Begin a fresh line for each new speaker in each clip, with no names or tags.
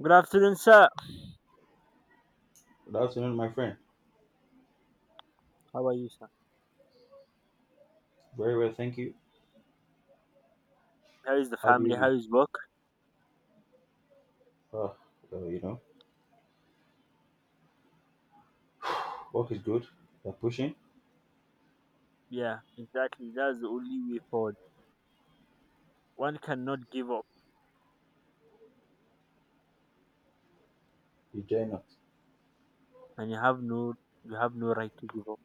Good afternoon, sir.
Good afternoon, my friend.
How are you, sir?
Very well, thank you.
How is the
How do you
family?
do?
How is work?
Uh, well, you know, Work is good. You're pushing.
Yeah, exactly. That's the only way forward. One cannot give up,
You dare not.
and you have no right to give up.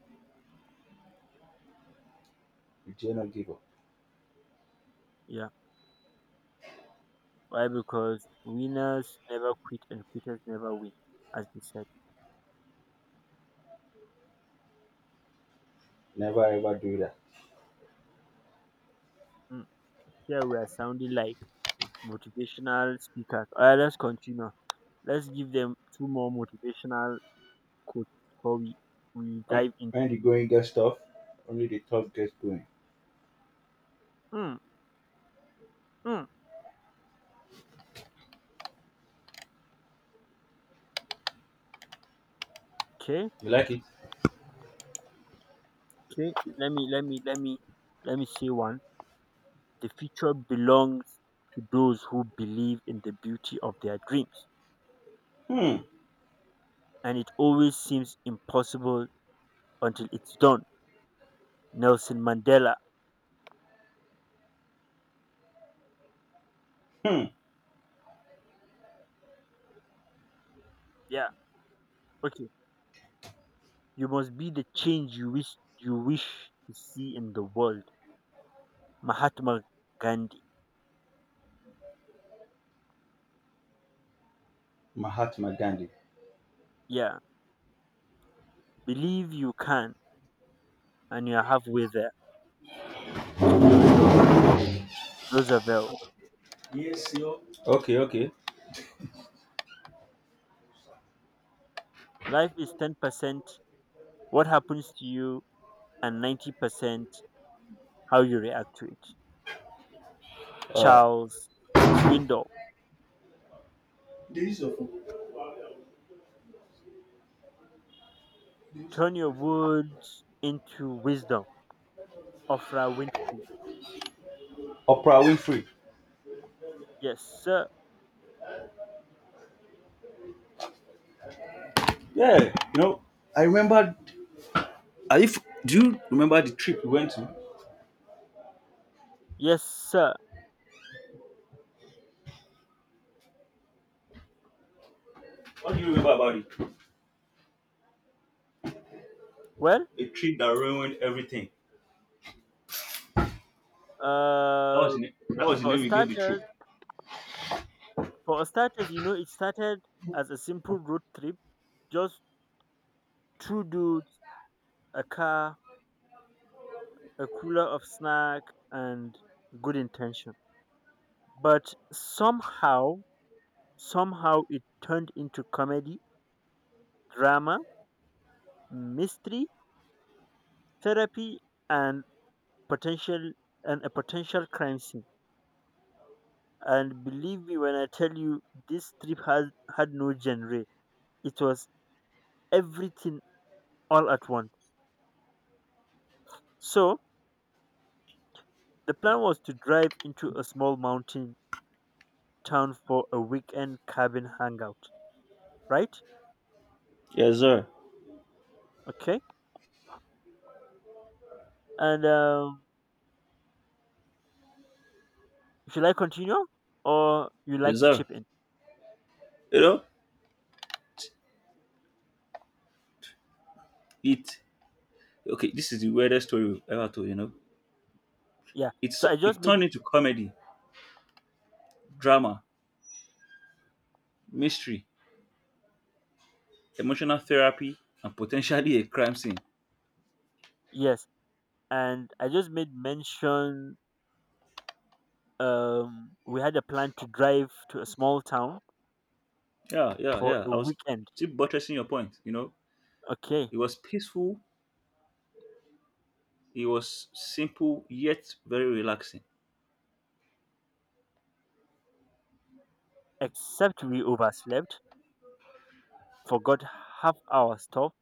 You dare not give up.
Yeah, why? Because winners never quit, and quitters never win, as we said.
Never ever do that.
Mm. Here we are sounding like motivational speakers. All right, let's continue. Let's give them two more motivational quotes before we
When
dive into
when the
it.
going gets tough, only the tough gets going.
Mm, mm. Okay,
You like it?
okay. Let me say one. The future belongs to those who believe in the beauty of their dreams,
Hmm.
and it always seems impossible until it's done. Nelson Mandela.
Hmm.
Yeah. Okay. You must be the change you wish to see in the world. Mahatma Gandhi.
Mahatma Gandhi.
Yeah. Believe you can and you're halfway there. Theodore Roosevelt.
Yes, yo. Okay. Okay.
Life is 10% what happens to you and 90% how you react to it.
Uh,
Charles Swindoll.
There is your phone. There is
Turn
my
your
friend.
words into wisdom. Ofra Winfrey.
Oprah Winfrey.
Yes, sir.
Yeah. I remember. Are you? f- Do you remember the trip we went to?
Yes, sir.
What do you remember about it?
Well,
A trip that ruined everything. That
uh,
was the name. That was the
for
name we gave the trip.
starters, it started as a simple road trip, just two dudes, a car, a cooler of snack, and good intention. But somehow, somehow, it turned into comedy, drama, mystery, therapy, and potential and a potential crime scene. And believe me when I tell you, this trip had no genre. It was everything all at once. So, the plan was to drive into a small mountain town for a weekend cabin hangout, right?
Yes, sir.
Okay. And should I continue or you
Yes,
like to
sir.
chip in?
You know, it. Okay, this is the weirdest story we've ever told. You know,
Yeah.
it's it turned into comedy, drama, mystery, emotional therapy, and potentially a crime scene.
Yes. And I just made mention we had a plan to drive to a small town
Yeah, yeah,
for
yeah.
a
I was
weekend.
still buttressing your point. You know,
Okay.
it was peaceful. It was simple yet very relaxing.
Except we overslept forgot half hour stop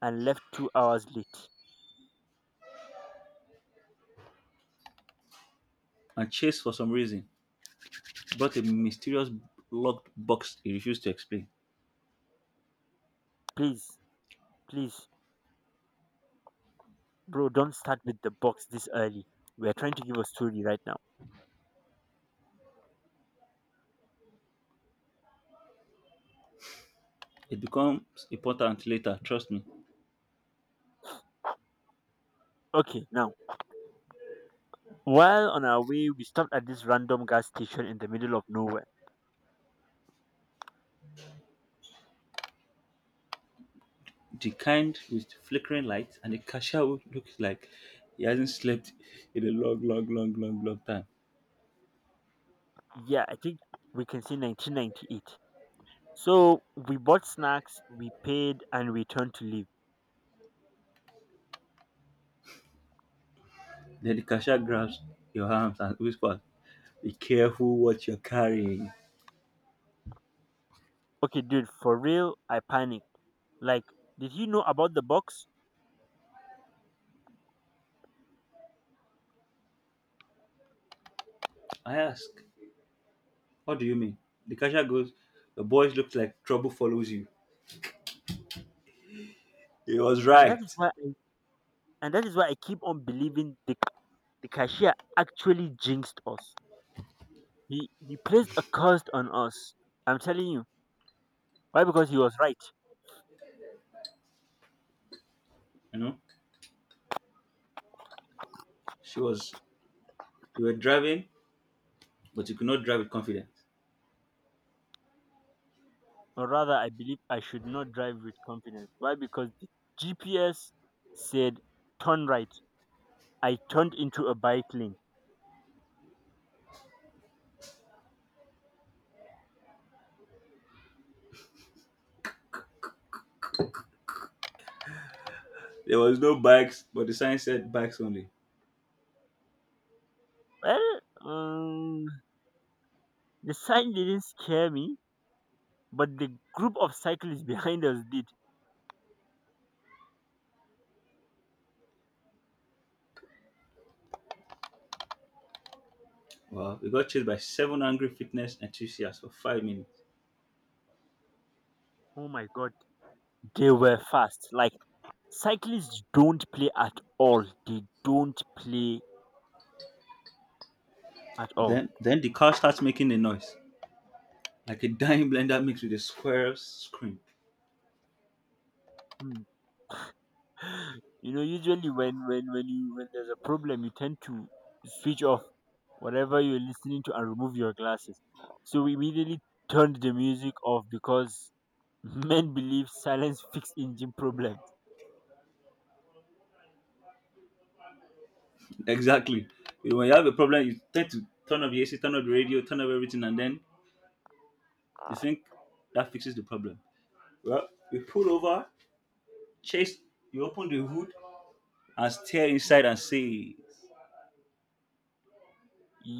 and left 2 hours late.
And Chase, for some reason, brought a mysterious locked box he refused to explain.
Please, please, bro, don't start with the box this early. We're trying to give a story right now.
It becomes important later. Trust me.
Okay, now, while on our way, we stopped at this random gas station in the middle of nowhere.
The kind with flickering lights and the cashier who looks like he hasn't slept in a long, long, long, long, long time.
Yeah, I think we can see 1998. So we bought snacks, we paid, and we turned to leave.
Then the cashier grabs your arms and whispers, "Be careful what you're carrying."
Okay, dude, for real, I panicked. Like, did he know about the box?
I ask, "What do you mean?" The cashier goes, "The boys look like trouble follows you." He was
And that is
right.
why I, and that is why I keep on believing the cashier actually jinxed us. He placed a curse on us. I'm telling you. Why? Because he was right.
You know, she was, you were driving, but you could not drive with confidence.
Or rather, I believe I should not drive with confidence. Why? Because the GPS said turn right. I turned into a bike lane.
There was no bikes, but the sign said bikes only.
Well, um, the sign didn't scare me, but the group of cyclists behind us did.
Wow, we got chased by seven angry fitness enthusiasts for 5 minutes.
Oh my god, they were fast. Like cyclists don't play at all. They don't play at all.
Then the car starts making a noise. Like a dying blender mixed with a square scream.
Hmm. You know, usually when there's a problem, you tend to switch off whatever you're listening to and remove your glasses. So we immediately turned the music off because men believe silence fix engine problems.
Exactly. You know, when you have a problem, you tend to turn off the AC, turn off the radio, turn off everything, and then you think that fixes the problem. Well, you pull over, Chase, you open the hood, and stare inside and say,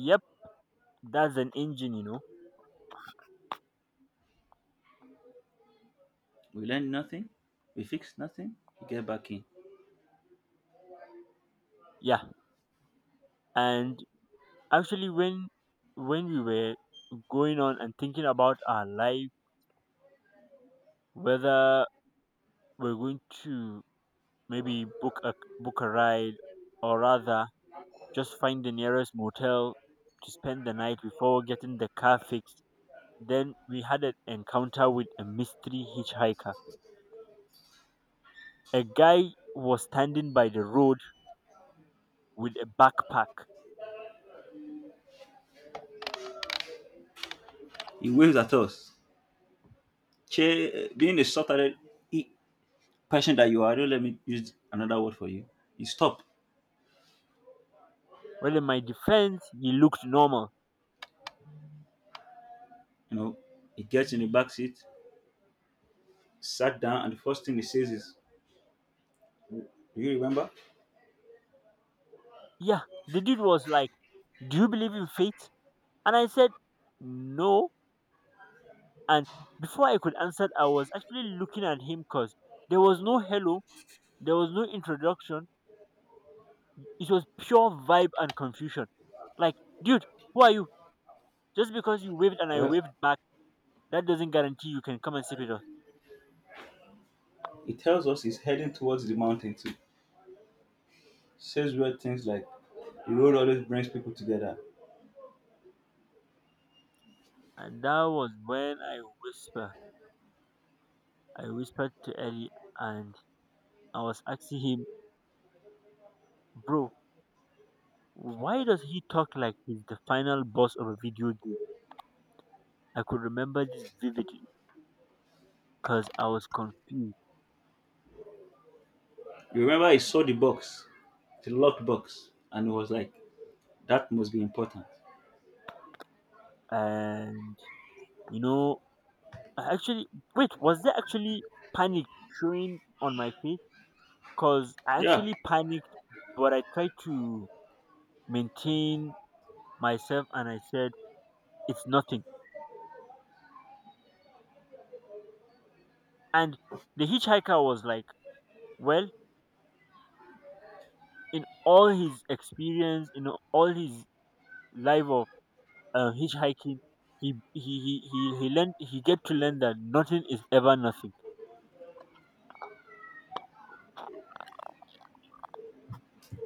Yep, that's an engine, you know.
we learned nothing, we fixed nothing, we get back in.
Yeah, and actually when we were going on and thinking about our life, whether we're going to maybe book a ride, or rather just find the nearest motel to spend the night before getting the car fixed. Then we had an encounter with a mystery hitchhiker. A guy was standing by the road with a backpack.
He waves at us. Che, being a sort hearted person that you are, don't let me use another word for you. You stop,
Well, in my defense, he looked normal.
you know, he gets in the back seat, sat down, and the first thing he says is, "Do you remember?"
Yeah, the dude was like, do you believe in fate? And I said, no. And before I could answer, I was actually looking at him because there was no hello, there was no introduction. It was pure vibe and confusion. Like, dude, who are you? Just because you waved and I
Well,
waved back, that doesn't guarantee you can come and sip it up.
he tells us he's heading towards the mountain too. Says weird things like, "The road always brings people together."
And that was when I whisper, I whispered to Ellie, and I was asking him, bro, why does he talk like he's the final boss of a video game? I could remember this vividly because I was confused.
You remember he saw the box, the locked box, and he was like, "That must be important."
And you know, I actually was there actually panic showing on my face? Because I
Yeah.
actually panicked, but I tried to maintain myself and I said, it's nothing. And the hitchhiker was like, well, in all his experience, in all his life of hitchhiking, he get to learn that nothing is ever nothing.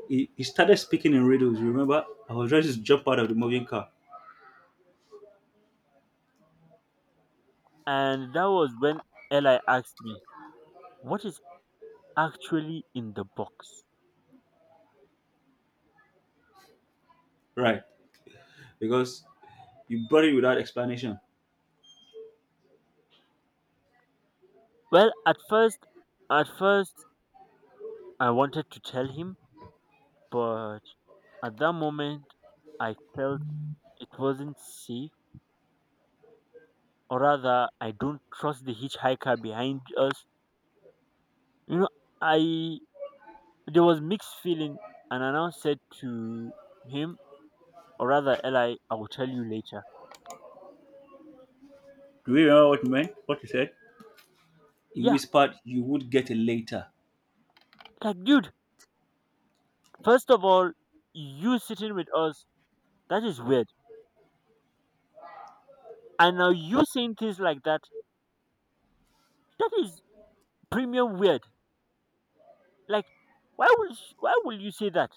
He started speaking in riddles. You remember? I was ready to jump out of the moving car.
And that was when Eli asked me, what is actually in the box?
Right. Because you brought it without explanation.
Well, at first, at first I wanted to tell him, but at that moment I felt it wasn't safe, or rather, I don't trust the hitchhiker behind us. You know, I there was mixed feeling, and I now said to him, or rather, Eli, I will tell you later.
Do you remember what he meant? What he said? He
Yeah,
whispered, "You would get it later."
like, dude, first of all, you sitting with us, that is weird. And now you saying things like that, that is premium weird. Like, why would you say that?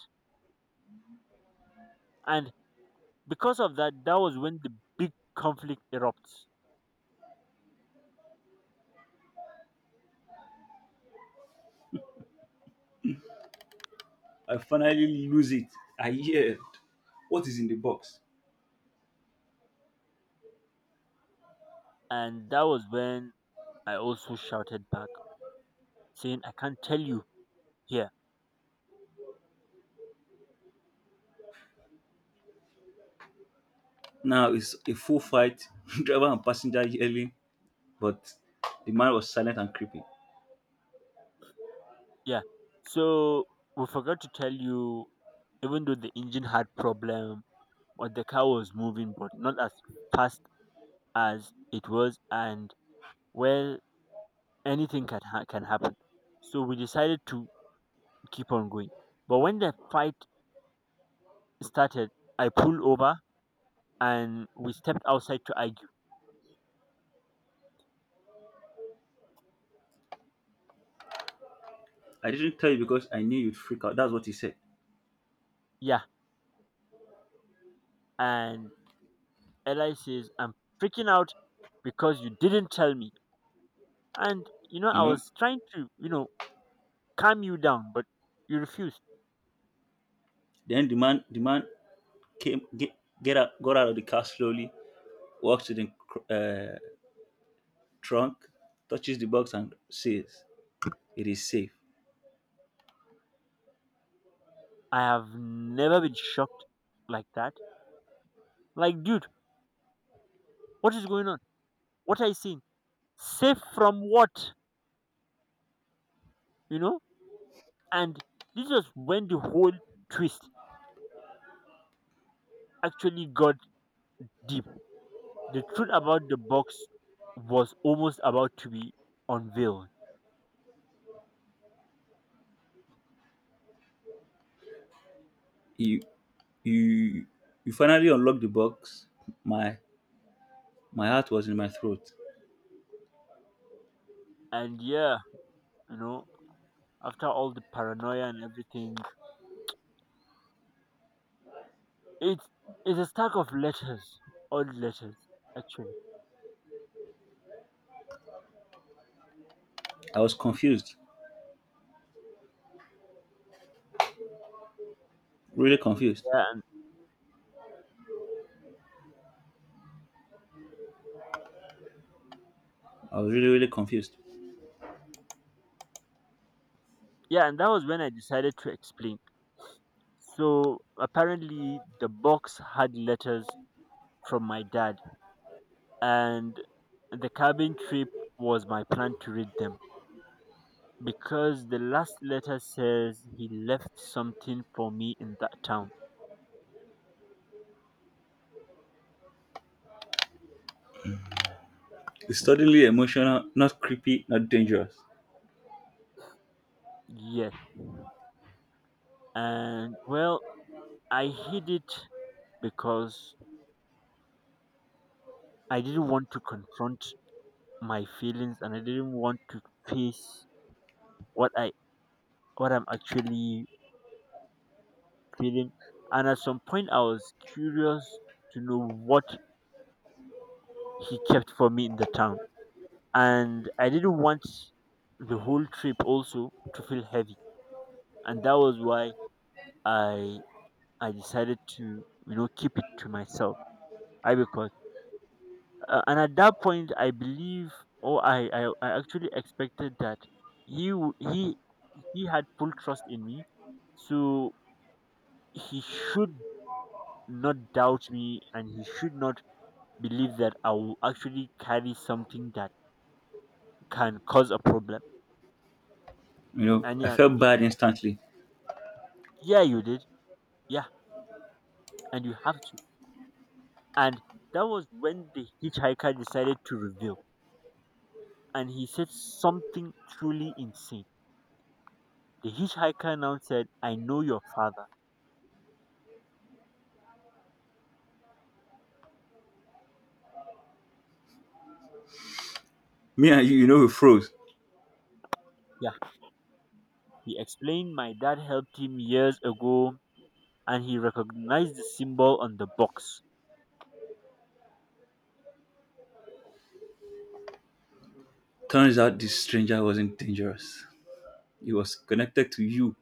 And because of that, that was when the big conflict erupts,
I finally lose it. I yelled, "What is in the box?"
and that was when I also shouted back, saying, I can't tell you here.
Now it's a full fight, driver and passenger yelling, but the man was silent and creepy.
Yeah. So we forgot to tell you, even though the engine had problem, but the car was moving, but not as fast as it was, and well, anything can happen. So we decided to keep on going. But when the fight started, I pulled over and we stepped outside to argue.
"I didn't tell you because I knew you'd freak out." That's what he said.
Yeah, and Eli says, "I'm freaking out because you didn't tell me." And you know,
You
I
know?
was trying to, calm you down, but you refused.
Then the man came get out got out of the car slowly, walks to the trunk, touches the box and says, "It is safe."
I have never been shocked like that. Like, dude, what is going on? What are you seeing? Safe from what? You know? And this was when the whole twist actually got deep. The truth about the box was almost about to be unveiled.
You you you finally unlocked the box. My my heart was in my throat.
And yeah, you know, after all the paranoia and everything, it's it's a stack of letters. Odd letters, actually.
I was confused. Really confused.
Yeah, and
I was really, really confused.
yeah, and that was when I decided to explain. So apparently, the box had letters from my dad, and the cabin trip was my plan to read them because the last letter says he left something for me in that town.
It's suddenly emotional, not creepy, not dangerous.
Yes. And well, I hid it because I didn't want to confront my feelings and I didn't want to face what I what I'm actually feeling. And at some point I was curious to know what he kept for me in the town. And I didn't want the whole trip also to feel heavy. And that was why I I decided to, you know, keep it to myself. I because And at that point I believe, or I actually expected that he would he had full trust in me, so he should not doubt me and he should not believe that I will actually carry something that can cause a problem.
You know,
And
I
yeah,
felt bad instantly.
yeah, you did. Yeah, and you have to. And that was when the hitchhiker decided to reveal, and he said something truly insane. The hitchhiker now said, I know your father.
Me and you know, we froze.
Yeah, he explained my dad helped him years ago, and he recognized the symbol on the box.
Turns out this stranger wasn't dangerous. He was connected to you,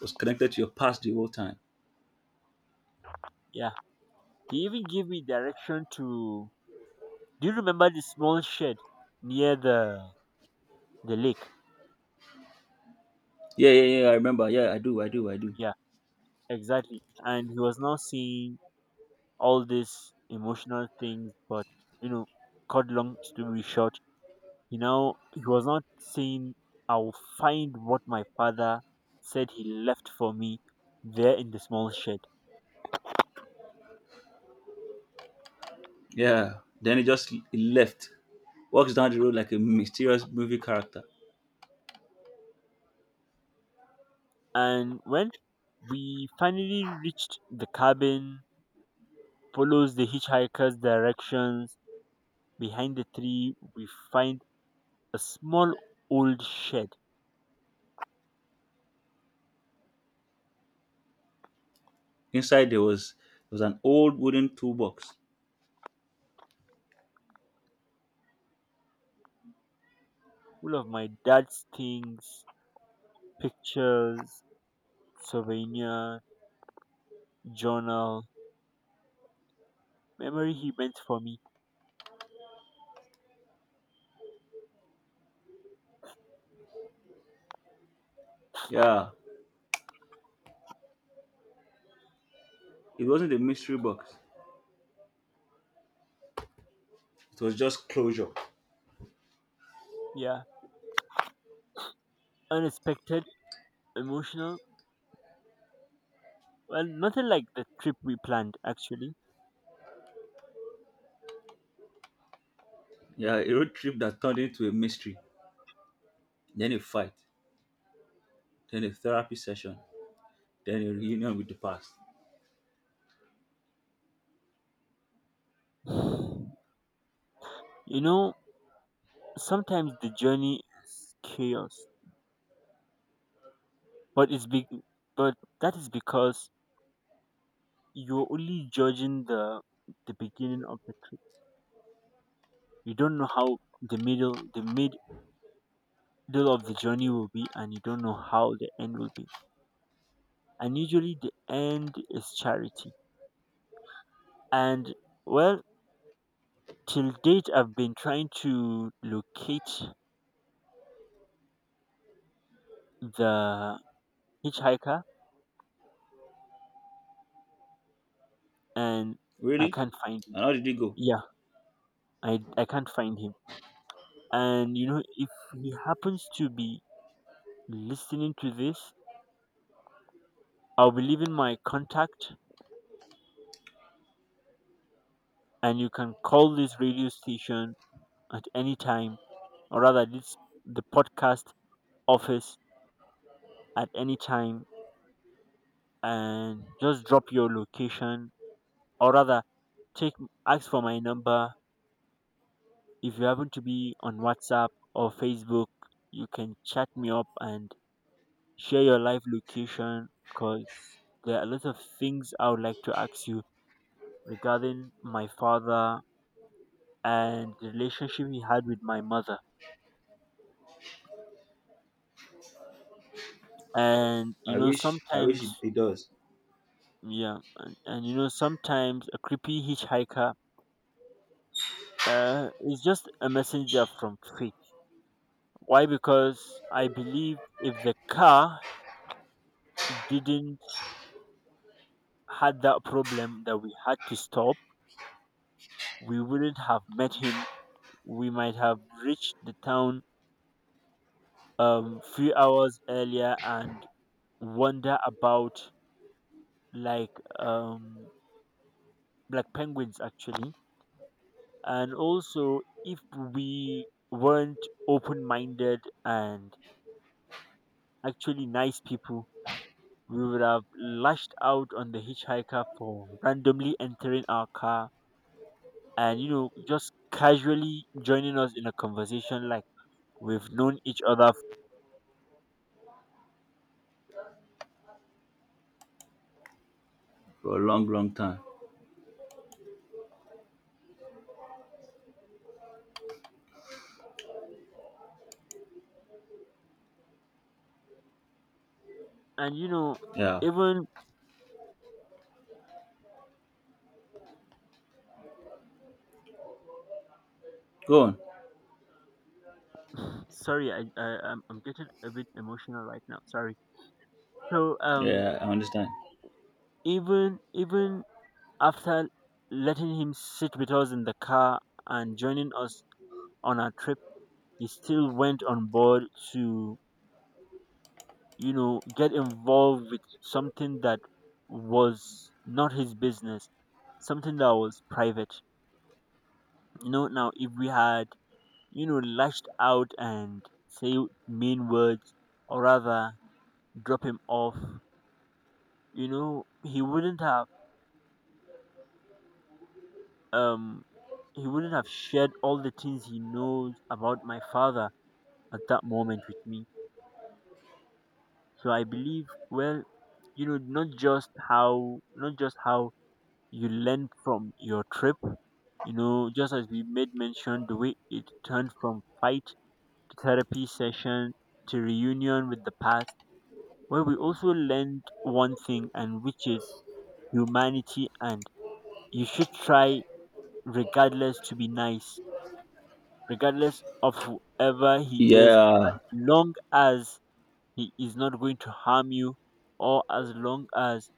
was connected to your past the whole time.
Yeah, he even gave me direction to. Do you remember the small shed near the lake?
Yeah, yeah, yeah, I remember. Yeah, I do, I do, I do.
Yeah, exactly. And he was now saying all these emotional things, but you know, cut long story short, you know, he was not saying I'll find what my father said he left for me there in the small shed.
Yeah. Then he just he left. Walks down the road like a mysterious movie character.
And when we finally reached the cabin, follows the hitchhiker's directions, behind the tree we find a small old shed
Inside there was an old wooden toolbox.
full of my dad's things, pictures, souvenir, journal, memory he meant for me.
Yeah. It wasn't a mystery box. It was just closure.
Yeah, unexpected, emotional. Well, nothing like the trip we planned, actually.
Yeah, a road trip that turned into a mystery, then a fight, then a therapy session, then a reunion with the past.
You know, sometimes the journey is chaos, but it's be- but that is because you're only judging the beginning of the trip. You don't know how the middle of the journey will be, and you don't know how the end will be. And usually, the end is charity. And well, till date, I've been trying to locate the hitchhiker and I
Really?
can't find him.
And how did it go?
Yeah, I can't find him. And you know, if he happens to be listening to this, I'll be leaving my contact and you can call this radio station at any time, or rather this the podcast office at any time, and just drop your location, or rather take ask for my number. If you happen to be on WhatsApp or Facebook, you can chat me up and share your live location because there are a lot of things I would like to ask you regarding my father and the relationship he had with my mother. And you
I
know,
wish I wish
sometimes,
it, it does.
yeah, and you know, sometimes a creepy hitchhiker is just a messenger from fate. Why? Because I believe if the car didn't had that problem that we had to stop, we wouldn't have met him. We might have reached the town few hours earlier and wander about like um like penguins actually. And also if we weren't open-minded and actually nice people, we would have lashed out on the hitchhiker for randomly entering our car and, you know, just casually joining us in a conversation like we've known each other.
For a long, long time.
And you know,
Yeah.
even,
Go on.
sorry, I'm getting a bit emotional right now, sorry. So um,
Yeah, I understand.
Even, even after letting him sit with us in the car and joining us on our trip, he still went on board to, you know, get involved with something that was not his business, something that was private. You know, now if we had, you know, lashed out and say mean words, or rather drop him off, you know, he wouldn't have, um he wouldn't have shared all the things he knows about my father at that moment with me. So I believe, well, you know, not just how you learn from your trip. You know, just as we made mention, the way it turned from fight to therapy session to reunion with the past, where we also learned one thing, and which is humanity. And you should try, regardless, to be nice, regardless of whoever he is,
Yeah.
as long as he is not going to harm you, or as long as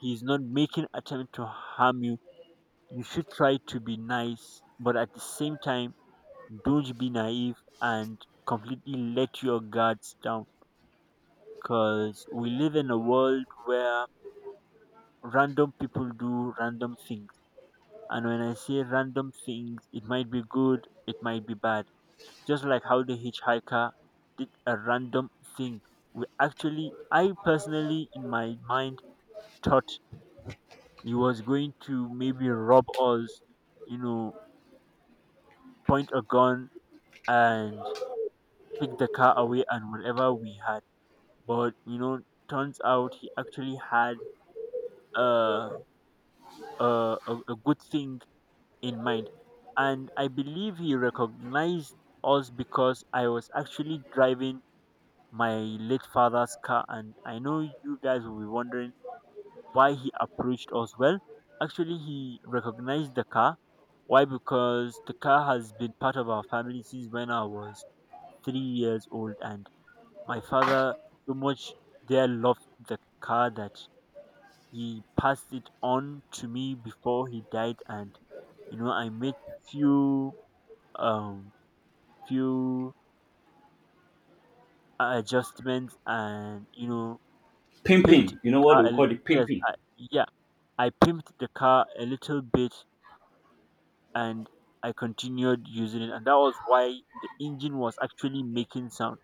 he is not making attempt to harm you. You should try to be nice, but at the same time, don't be naive and completely let your guards down. Because we live in a world where random people do random things. And when I say random things, it might be good, it might be bad. Just like how the hitchhiker did a random thing. We actually, I personally, in my mind, thought he was going to maybe rob us, you know, point a gun and take the car away and whatever we had. But, you know, turns out he actually had a, a good thing in mind. And I believe he recognized us because I was actually driving my late father's car, and I know you guys will be wondering why he approached us. Well, actually, he recognized the car. Why? Because the car has been part of our family since when I was 3 years old, and my father so much there loved the car that he passed it on to me before he died. And you know, I made few, um few adjustments, and you know, pimped
Pimping. You
the
know what
car
they
a l-
call it,
yes,
pimping.
I, yeah, I pimped the car a little bit and I continued using it, and that was why the engine was actually making sound.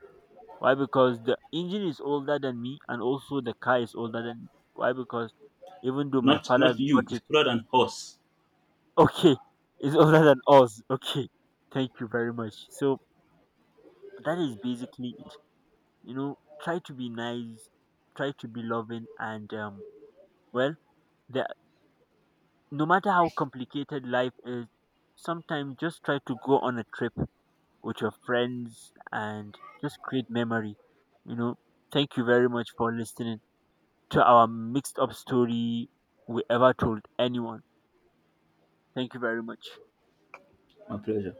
Why? Because the engine is older than me, and also the car is older than me. Why? Because even though my
Not
father
not you.
got
It's
it,
cooler than horse.
okay, it's older than us. Okay, thank you very much. So that is basically it. You know, try to be nice, try to be loving, and well, there, no matter how complicated life is, sometimes just try to go on a trip with your friends and just create memory. You know, thank you very much for listening to our mixed up story we ever told anyone. Thank you very much.
My pleasure.